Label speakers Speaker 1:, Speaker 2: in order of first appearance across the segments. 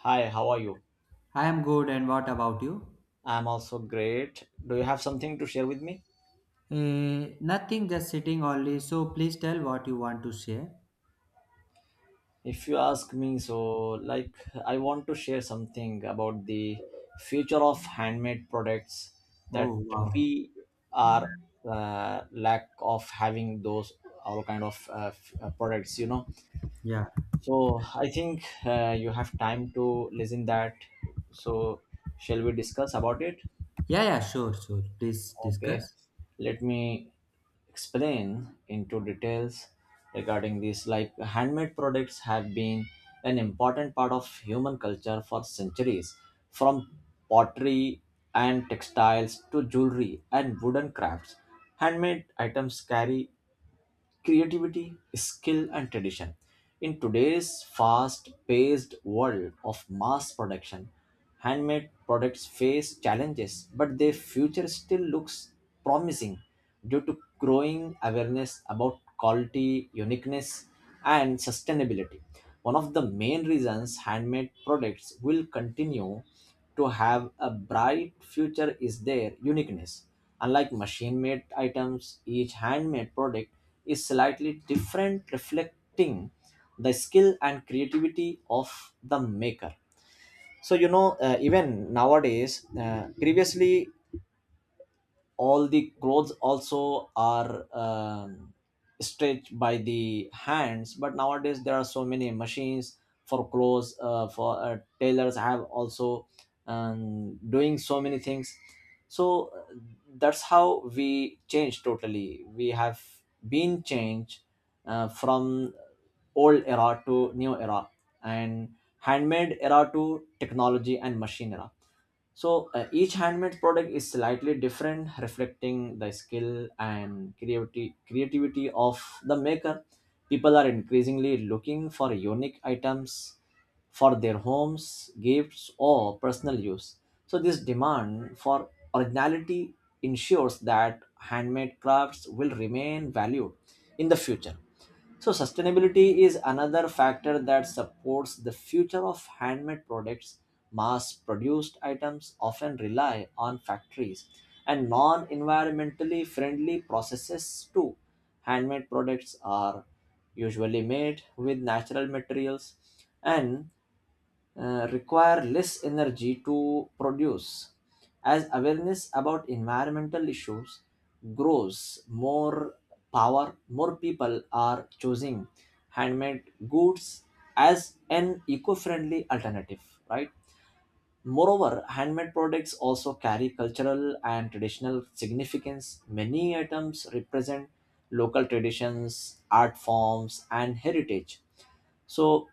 Speaker 1: Hi, how are you?
Speaker 2: I am good, and what about you?
Speaker 1: I'm also great. Do you have something to share with me?
Speaker 2: Nothing, just sitting only. So please tell what you want to share.
Speaker 1: If you ask me, so like I want to share something about the future of handmade products that
Speaker 2: Oh, wow.
Speaker 1: we are lack of having those all kind of products, you know.
Speaker 2: Yeah.
Speaker 1: So I think you have time to listen that. So shall we discuss about it?
Speaker 2: Yeah, yeah, sure, sure. Please
Speaker 1: Okay,
Speaker 2: discuss.
Speaker 1: let me explain into details regarding this. Like handmade products have been an important part of human culture for centuries, from pottery and textiles to jewelry and wooden crafts. Handmade items carry creativity, skill, and tradition. In today's fast paced world of mass production, handmade products face challenges, but their future still looks promising due to growing awareness about quality, uniqueness, and sustainability. One of the main reasons handmade products will continue to have a bright future is their uniqueness. Unlike machine made items, each handmade product is slightly different, reflecting the skill and creativity of the maker. So, you know, even nowadays, previously all the clothes also are stitched by the hands, but nowadays there are so many machines for clothes for tailors have also doing so many things, so that's how we change totally. We have been changed from old era to new era and handmade era to technology and machine era. So each handmade product is slightly different, reflecting the skill and creativity of the maker. People are increasingly looking for unique items for their homes, gifts, or personal use. So this demand for originality ensures that handmade crafts will remain valued in the future. So, sustainability is another factor that supports the future of handmade products. Mass produced items often rely on factories and non environmentally friendly processes too. Handmade products are usually made with natural materials and require less energy to produce. As awareness about environmental issues grows, more people are choosing handmade goods as an eco-friendly alternative, right? Moreover, handmade products also carry cultural and traditional significance. Many items represent local traditions, art forms, and heritage. So,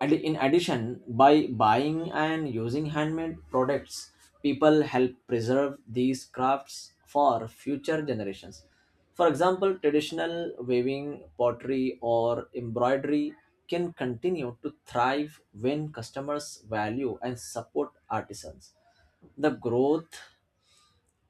Speaker 1: and in addition, by buying and using handmade products, people help preserve these crafts for future generations. For example, traditional weaving, pottery, or embroidery can continue to thrive when customers value and support artisans. The growth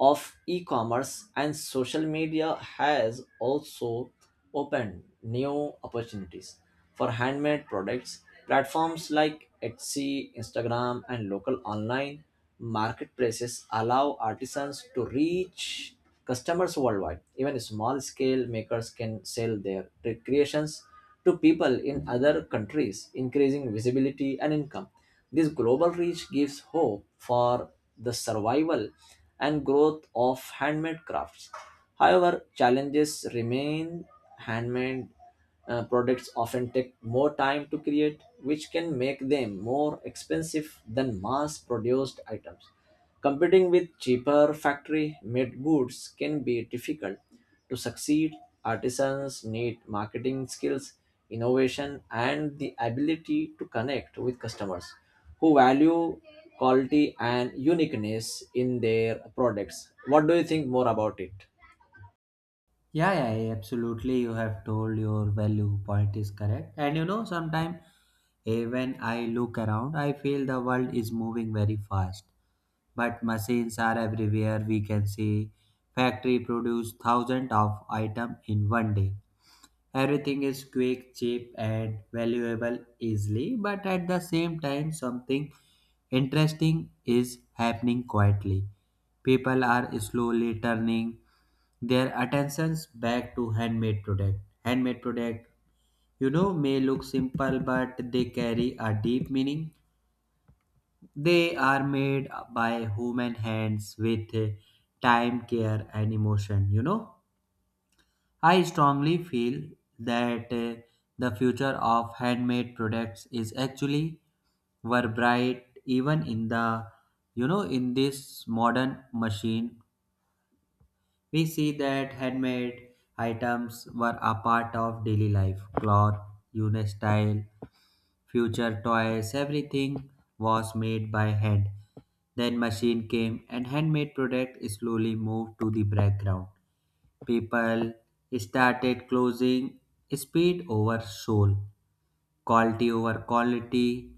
Speaker 1: of e-commerce and social media has also opened new opportunities for handmade products. Platforms like Etsy, Instagram, and local online marketplaces allow artisans to reach customers worldwide. Even small scale makers can sell their creations to people in other countries, increasing visibility and income. This global reach gives hope for the survival and growth of handmade crafts. However, challenges remain. Handmade products often take more time to create, which can make them more expensive than mass produced items. Competing with cheaper factory made goods can be difficult. To succeed, artisans need marketing skills, innovation, and the ability to connect with customers who value quality and uniqueness in their products. What do you think more about it?
Speaker 2: Yeah, yeah, yeah, absolutely. You have told your value point is correct. And you know, sometimes when I look around, I feel the world is moving very fast. But machines are everywhere. We can see factory produce thousands of item in one day. Everything is quick, cheap, and valuable easily, but at the same time, something interesting is happening quietly. People are slowly turning their attentions back to handmade product. Handmade product, you know, may look simple, but they carry a deep meaning. They are made by human hands with time, care, and emotion. You know I strongly feel that the future of handmade products is actually were bright even in the, you know, in this modern machine, we see that handmade items were a part of daily life cloth, unique style, future toys, everything was made by hand. Then machine came and handmade product slowly moved to the background. People started closing speed over soul, quality over quality,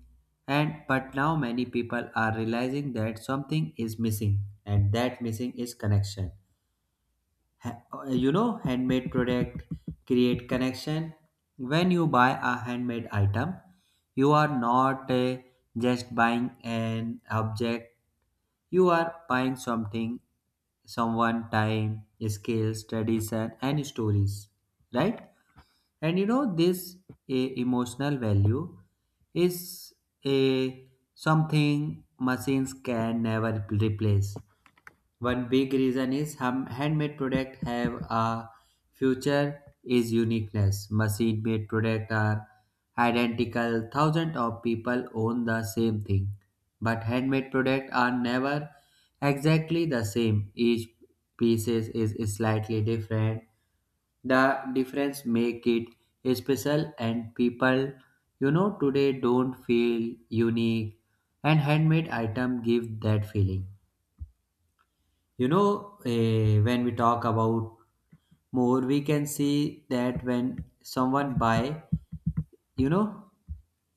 Speaker 2: and but now many people are realizing that something is missing, and that missing is connection. You know, handmade product create connection. When you buy a handmade item, you are not just buying an object, you are buying something, someone time, skills, tradition, and stories, right? And you know this, emotional value is a something machines can never replace. One big reason is handmade products have a future is uniqueness. Machine made products are identical. Thousands of people own the same thing. But handmade products are never exactly the same. Each piece is slightly different. The difference make it special, and people, you know, today don't feel unique, and handmade item give that feeling. You know, when we talk about more, we can see that when someone buy, you know,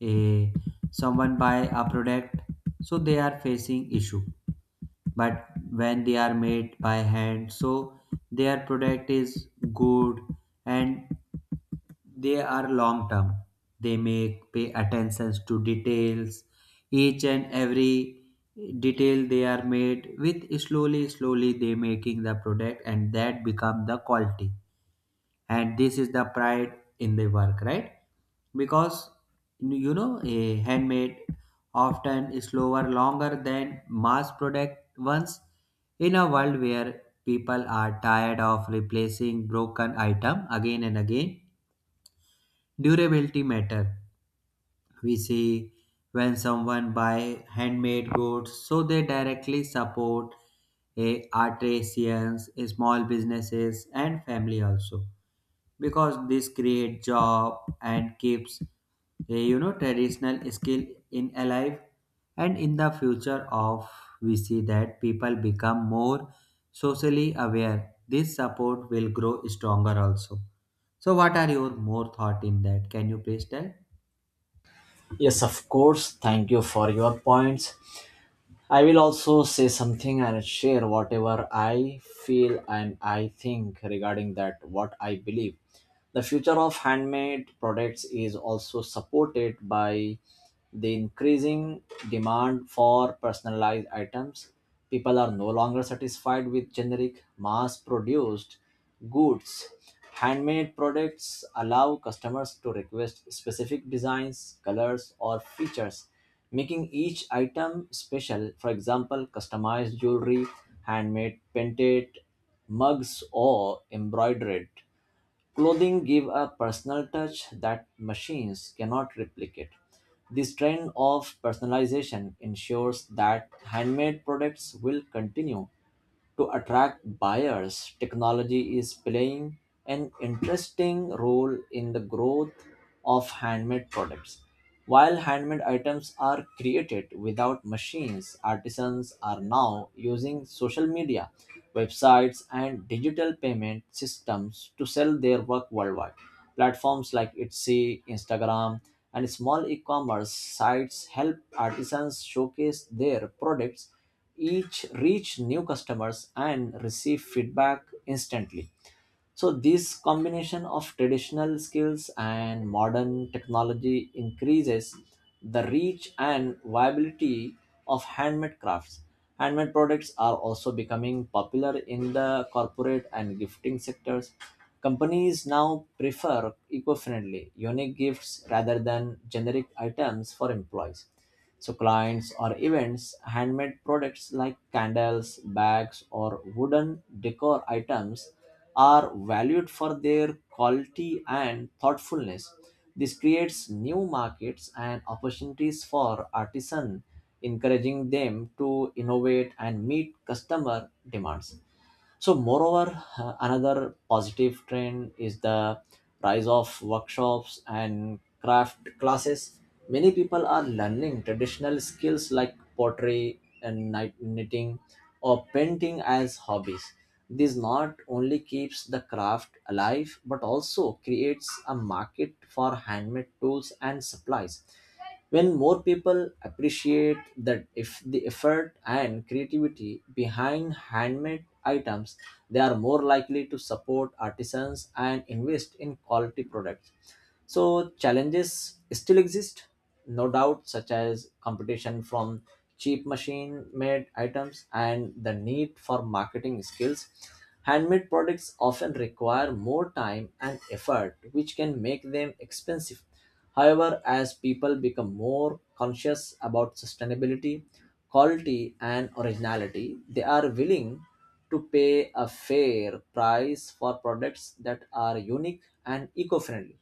Speaker 2: a someone buy a product, so they are facing issue, but when they are made by hand, so their product is good, and they are long term. They make pay attentions to details. Each and every detail they are made with slowly, slowly they making the product, and that become the quality. And this is the pride in the work, right? Because you know a handmade often is slower, longer than mass product ones. In a world where people are tired of replacing broken item again and again, durability matter. We see when someone buy handmade goods, so they directly support a artisans, a small businesses and family also, because this create job and keeps a, you know, traditional skill in alive. And in the future of, we see that people become more socially aware, this support will grow stronger also. So what are your more thought in that, can you please tell?
Speaker 1: Yes, of course. Thank you for your points. I will also say something and share whatever I feel and I think regarding that, what I believe. The future of handmade products is also supported by the increasing demand for personalized items. People are no longer satisfied with generic, mass produced goods. Handmade products allow customers to request specific designs, colors, or features, making each item special. For example, customized jewelry, handmade painted mugs, or embroidered clothing give a personal touch that machines cannot replicate. This trend of personalization ensures that handmade products will continue to attract buyers. Technology is playing an interesting role in the growth of handmade products. While handmade items are created without machines, artisans are now using social media, websites, and digital payment systems to sell their work worldwide. Platforms like Etsy, Instagram, and small e commerce sites help artisans showcase their products, each reach new customers and receive feedback instantly. So this combination of traditional skills and modern technology increases the reach and viability of handmade crafts. Handmade products are also becoming popular in the corporate and gifting sectors. Companies now prefer eco-friendly, unique gifts rather than generic items for employees. So clients or events, handmade products like candles, bags, or wooden decor items are valued for their quality and thoughtfulness. This creates new markets and opportunities for artisans, encouraging them to innovate and meet customer demands. So, moreover, another positive trend is the rise of workshops and craft classes. Many people are learning traditional skills like pottery and knitting or painting as hobbies. This not only keeps the craft alive but also creates a market for handmade tools and supplies. When more people appreciate that if the effort and creativity behind handmade items, they are more likely to support artisans and invest in quality products. So challenges still exist, no doubt, such as competition from cheap machine-made items and the need for marketing skills. Handmade products often require more time and effort, which can make them expensive. However, as people become more conscious about sustainability, quality, and originality, they are willing to pay a fair price for products that are unique and eco friendly.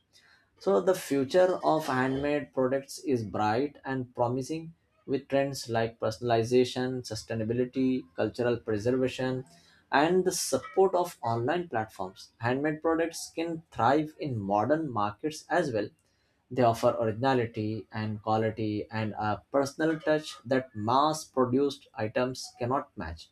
Speaker 1: So the future of handmade products is bright and promising with trends like personalization, sustainability, cultural preservation, and the support of online platforms. Handmade products can thrive in modern markets as well. They offer originality and quality and a personal touch that mass produced items cannot match.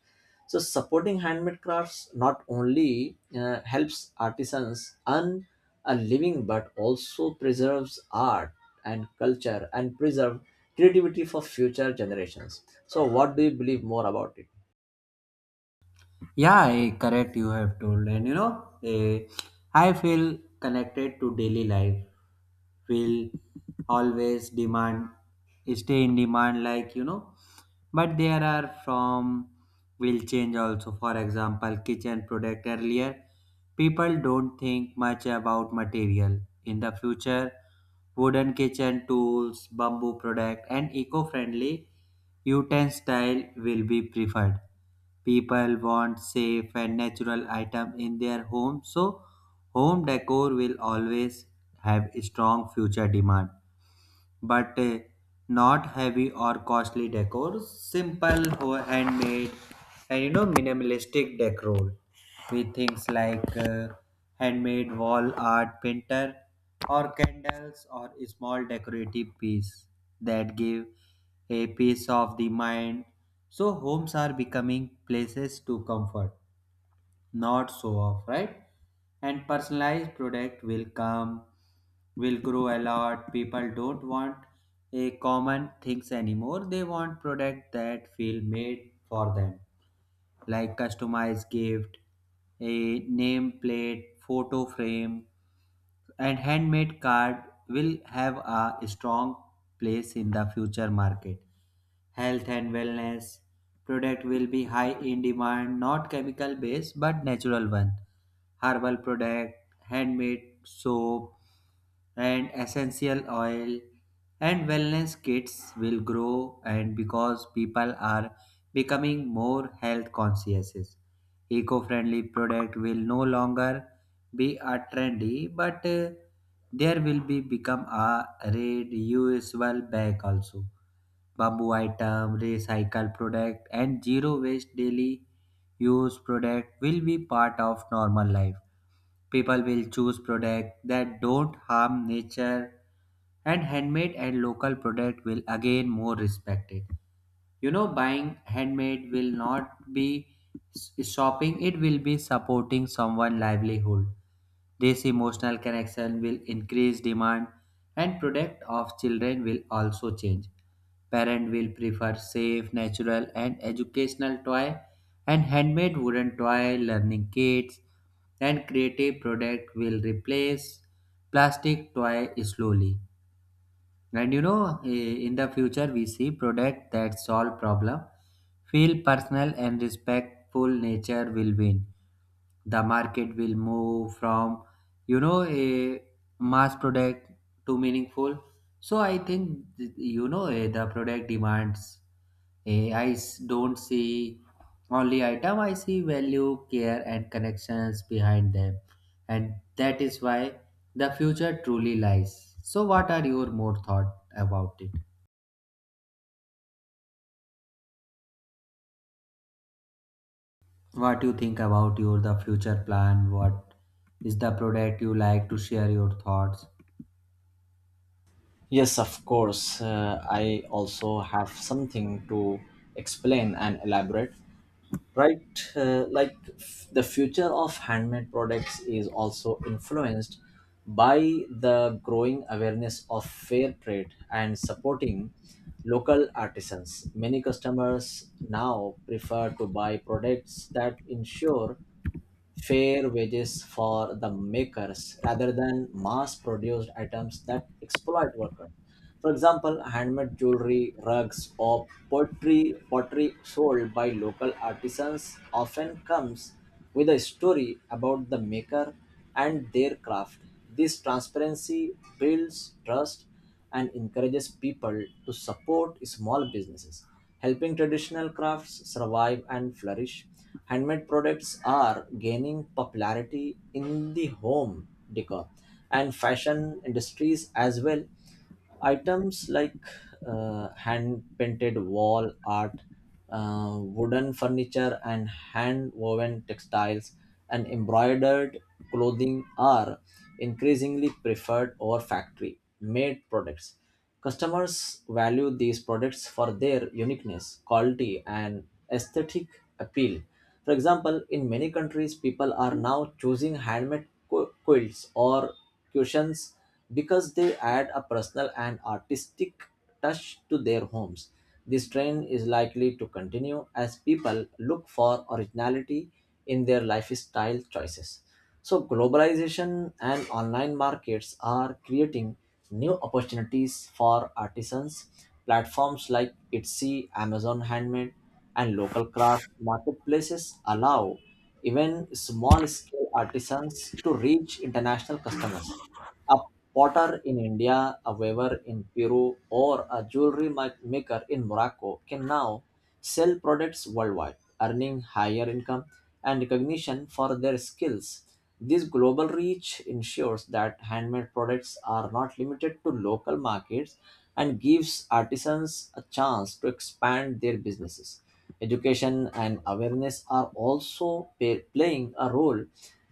Speaker 1: So supporting handmade crafts not only helps artisans earn a living but also preserves art and culture and preserve creativity for future generations. So what do you believe more about it?
Speaker 2: Yeah, correct. You have told, and you know, I feel connected to daily life. Will always demand, stay in demand, like you know. But there are from will change also. For example, kitchen product earlier, people don't think much about material. In the future, wooden kitchen tools, bamboo product, and eco-friendly Utensil will be preferred. People want safe and natural item in their home, so home decor will always have strong future demand, but not heavy or costly decor. Simple, handmade, and you know, minimalistic decor with things like handmade wall art painter, or candles, or a small decorative piece that give a piece of the mind. So homes are becoming places to comfort, not so off, right? And personalized product will come, will grow a lot. People don't want a common things anymore. They want product that feel made for them, like customized gift, a name plate, photo frame, and handmade card will have a strong place in the future market. Health and wellness product will be high in demand, not chemical based but natural one, herbal product, handmade soap, and essential oil, and wellness kits will grow, and because people are becoming more health conscious, eco-friendly product will no longer be a trendy, but there will be become a reusable bag also. Bamboo item, recycle product, and zero waste daily use product will be part of normal life. People will choose product that don't harm nature, and handmade and local product will again more respected. You know, buying handmade will not be shopping, it will be supporting someone' livelihood. This emotional connection will increase demand, and product of children will also change. Parent will prefer safe natural and educational toy, and handmade wooden toy, learning kits, and creative product will replace plastic toy slowly. And you know, in the future, we see product that solve problem, feel personal and respectful nature will win. The market will move from, you know, a mass product to meaningful. So I think, you know, the product demands. I don't see only item, I see value, care, and connections behind them. And that is why the future truly lies. So, what are your more thought about it? What you think about your the future plan? What is the product you like to share your thoughts?
Speaker 1: Yes, of course. I also have something to explain and elaborate. Right, like the future of handmade products is also influenced by the growing awareness of fair trade and supporting local artisans. Many customers now prefer to buy products that ensure fair wages for the makers rather than mass produced items that exploit workers. For example, handmade jewelry, rugs, or pottery sold by local artisans often comes with a story about the maker and their craft. This transparency builds trust and encourages people to support small businesses, helping traditional crafts survive and flourish. Handmade products are gaining popularity in the home decor and fashion industries as well. Items like hand painted wall art, wooden furniture, and hand woven textiles and embroidered clothing are increasingly preferred over factory made products. Customers value these products for their uniqueness, quality, and aesthetic appeal. For example, in many countries, people are now choosing handmade quilts or cushions because they add a personal and artistic touch to their homes. This trend is likely to continue as people look for originality in their lifestyle choices. So, globalization and online markets are creating new opportunities for artisans. Platforms like Etsy, Amazon Handmade, and local craft marketplaces allow even small scale artisans to reach international customers. A potter in India, a weaver in Peru, or a jewelry maker in Morocco can now sell products worldwide, earning higher income and recognition for their skills. This global reach ensures that handmade products are not limited to local markets and gives artisans a chance to expand their businesses. Education and awareness are also playing a role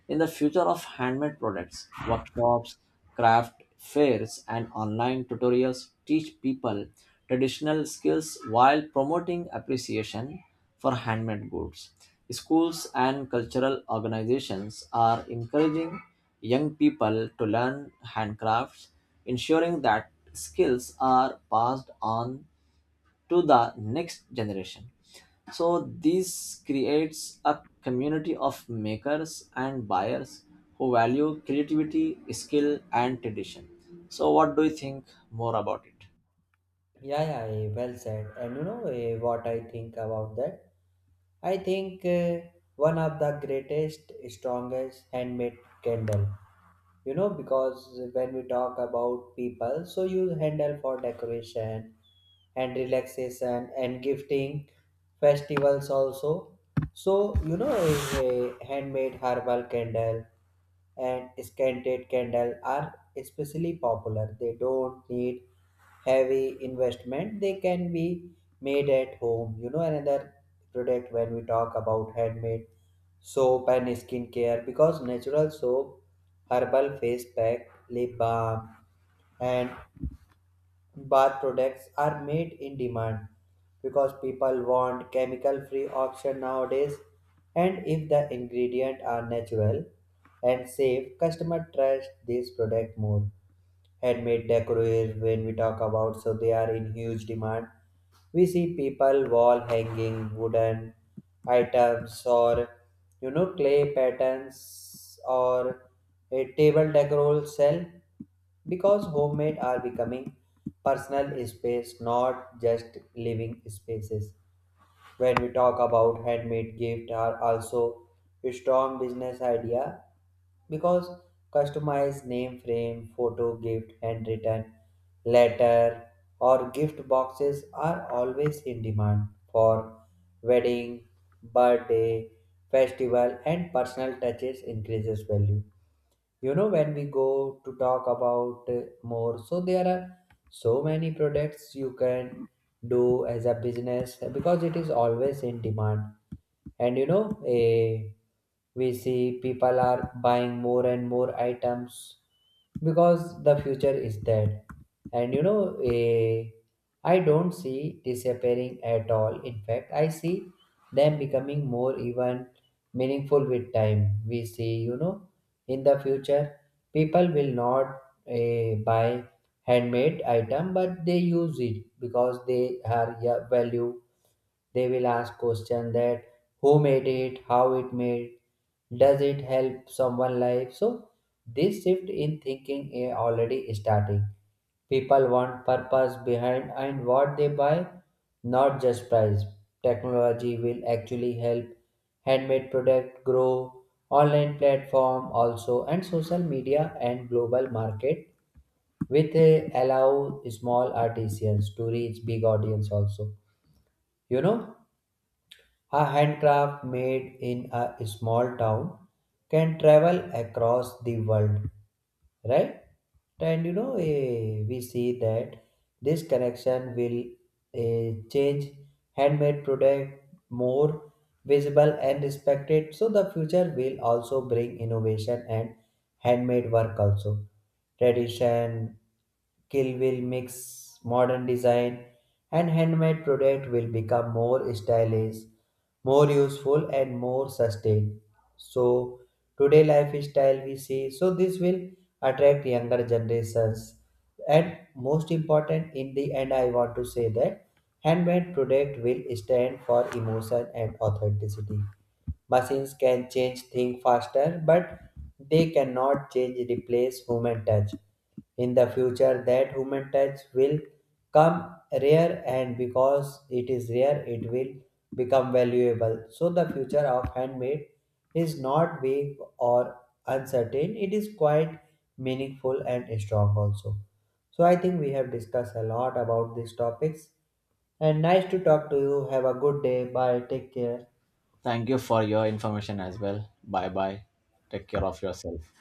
Speaker 1: in the future of handmade products. Workshops, craft fairs, and online tutorials teach people traditional skills while promoting appreciation for handmade goods. Schools and cultural organizations are encouraging young people to learn handcrafts, ensuring that skills are passed on to the next generation. So this creates a community of makers and buyers who value creativity, skill, and tradition. So what do you think more about it?
Speaker 2: Yeah, yeah, well said. And you know, what I think about that? I think one of the greatest, strongest handmade candle. You know, because when we talk about people, so you handle for decoration and relaxation and gifting festivals also. So you know is a handmade herbal candle and scented candle are especially popular. They don't need heavy investment. They can be made at home. You know, another product when we talk about handmade soap and skincare, because natural soap, herbal face pack, lip balm, and Bath products are made in demand, because people want chemical free option nowadays, and if the ingredients are natural and safe, customer trust this product more. Handmade decors when we talk about, so they are in huge demand. We see people wall hanging wooden items, or you know clay patterns, or a table decor sell, because homemade are becoming personal space not just living spaces. When we talk about handmade gift are also a strong business idea, because customized name frame, photo gift, handwritten letter, or gift boxes are always in demand for wedding, birthday, festival, and personal touches increases value. You know, when we go to talk about more, so there are so many products you can do as a business, because it is always in demand. And you know, we see people are buying more and more items, because the future is that. And you know, I don't see disappearing at all, in fact I see them becoming more even meaningful with time. We see, you know, in the future people will not buy handmade item, but they use it because they are, yeah, value. They will ask question that who made it, how it made, does it help someone life? So this shift in thinking is already starting. People want purpose behind and what they buy, not just price. Technology will actually help handmade product grow, online platform also, and social media and global market with allow small artisans to reach big audience also. You know, a handcraft made in a small town can travel across the world, right? And you know, we see that this connection will change handmade product more visible and respected. So the future will also bring innovation and handmade work also. Tradition, Kill will mix modern design, and handmade product will become more stylish, more useful, and more sustained. So today lifestyle we see, so this will attract younger generations. And most important, in the end I want to say that handmade product will stand for emotion and authenticity. Machines can change things faster, but they cannot change replace human touch. In the future, that human touch will come rare, and because it is rare, it will become valuable. So the future of handmade is not vague or uncertain. It is quite meaningful and strong also. So I think we have discussed a lot about these topics. And nice to talk to you. Have a good day. Bye. Take care.
Speaker 1: Thank you for your information as well. Bye bye. Take care of yourself.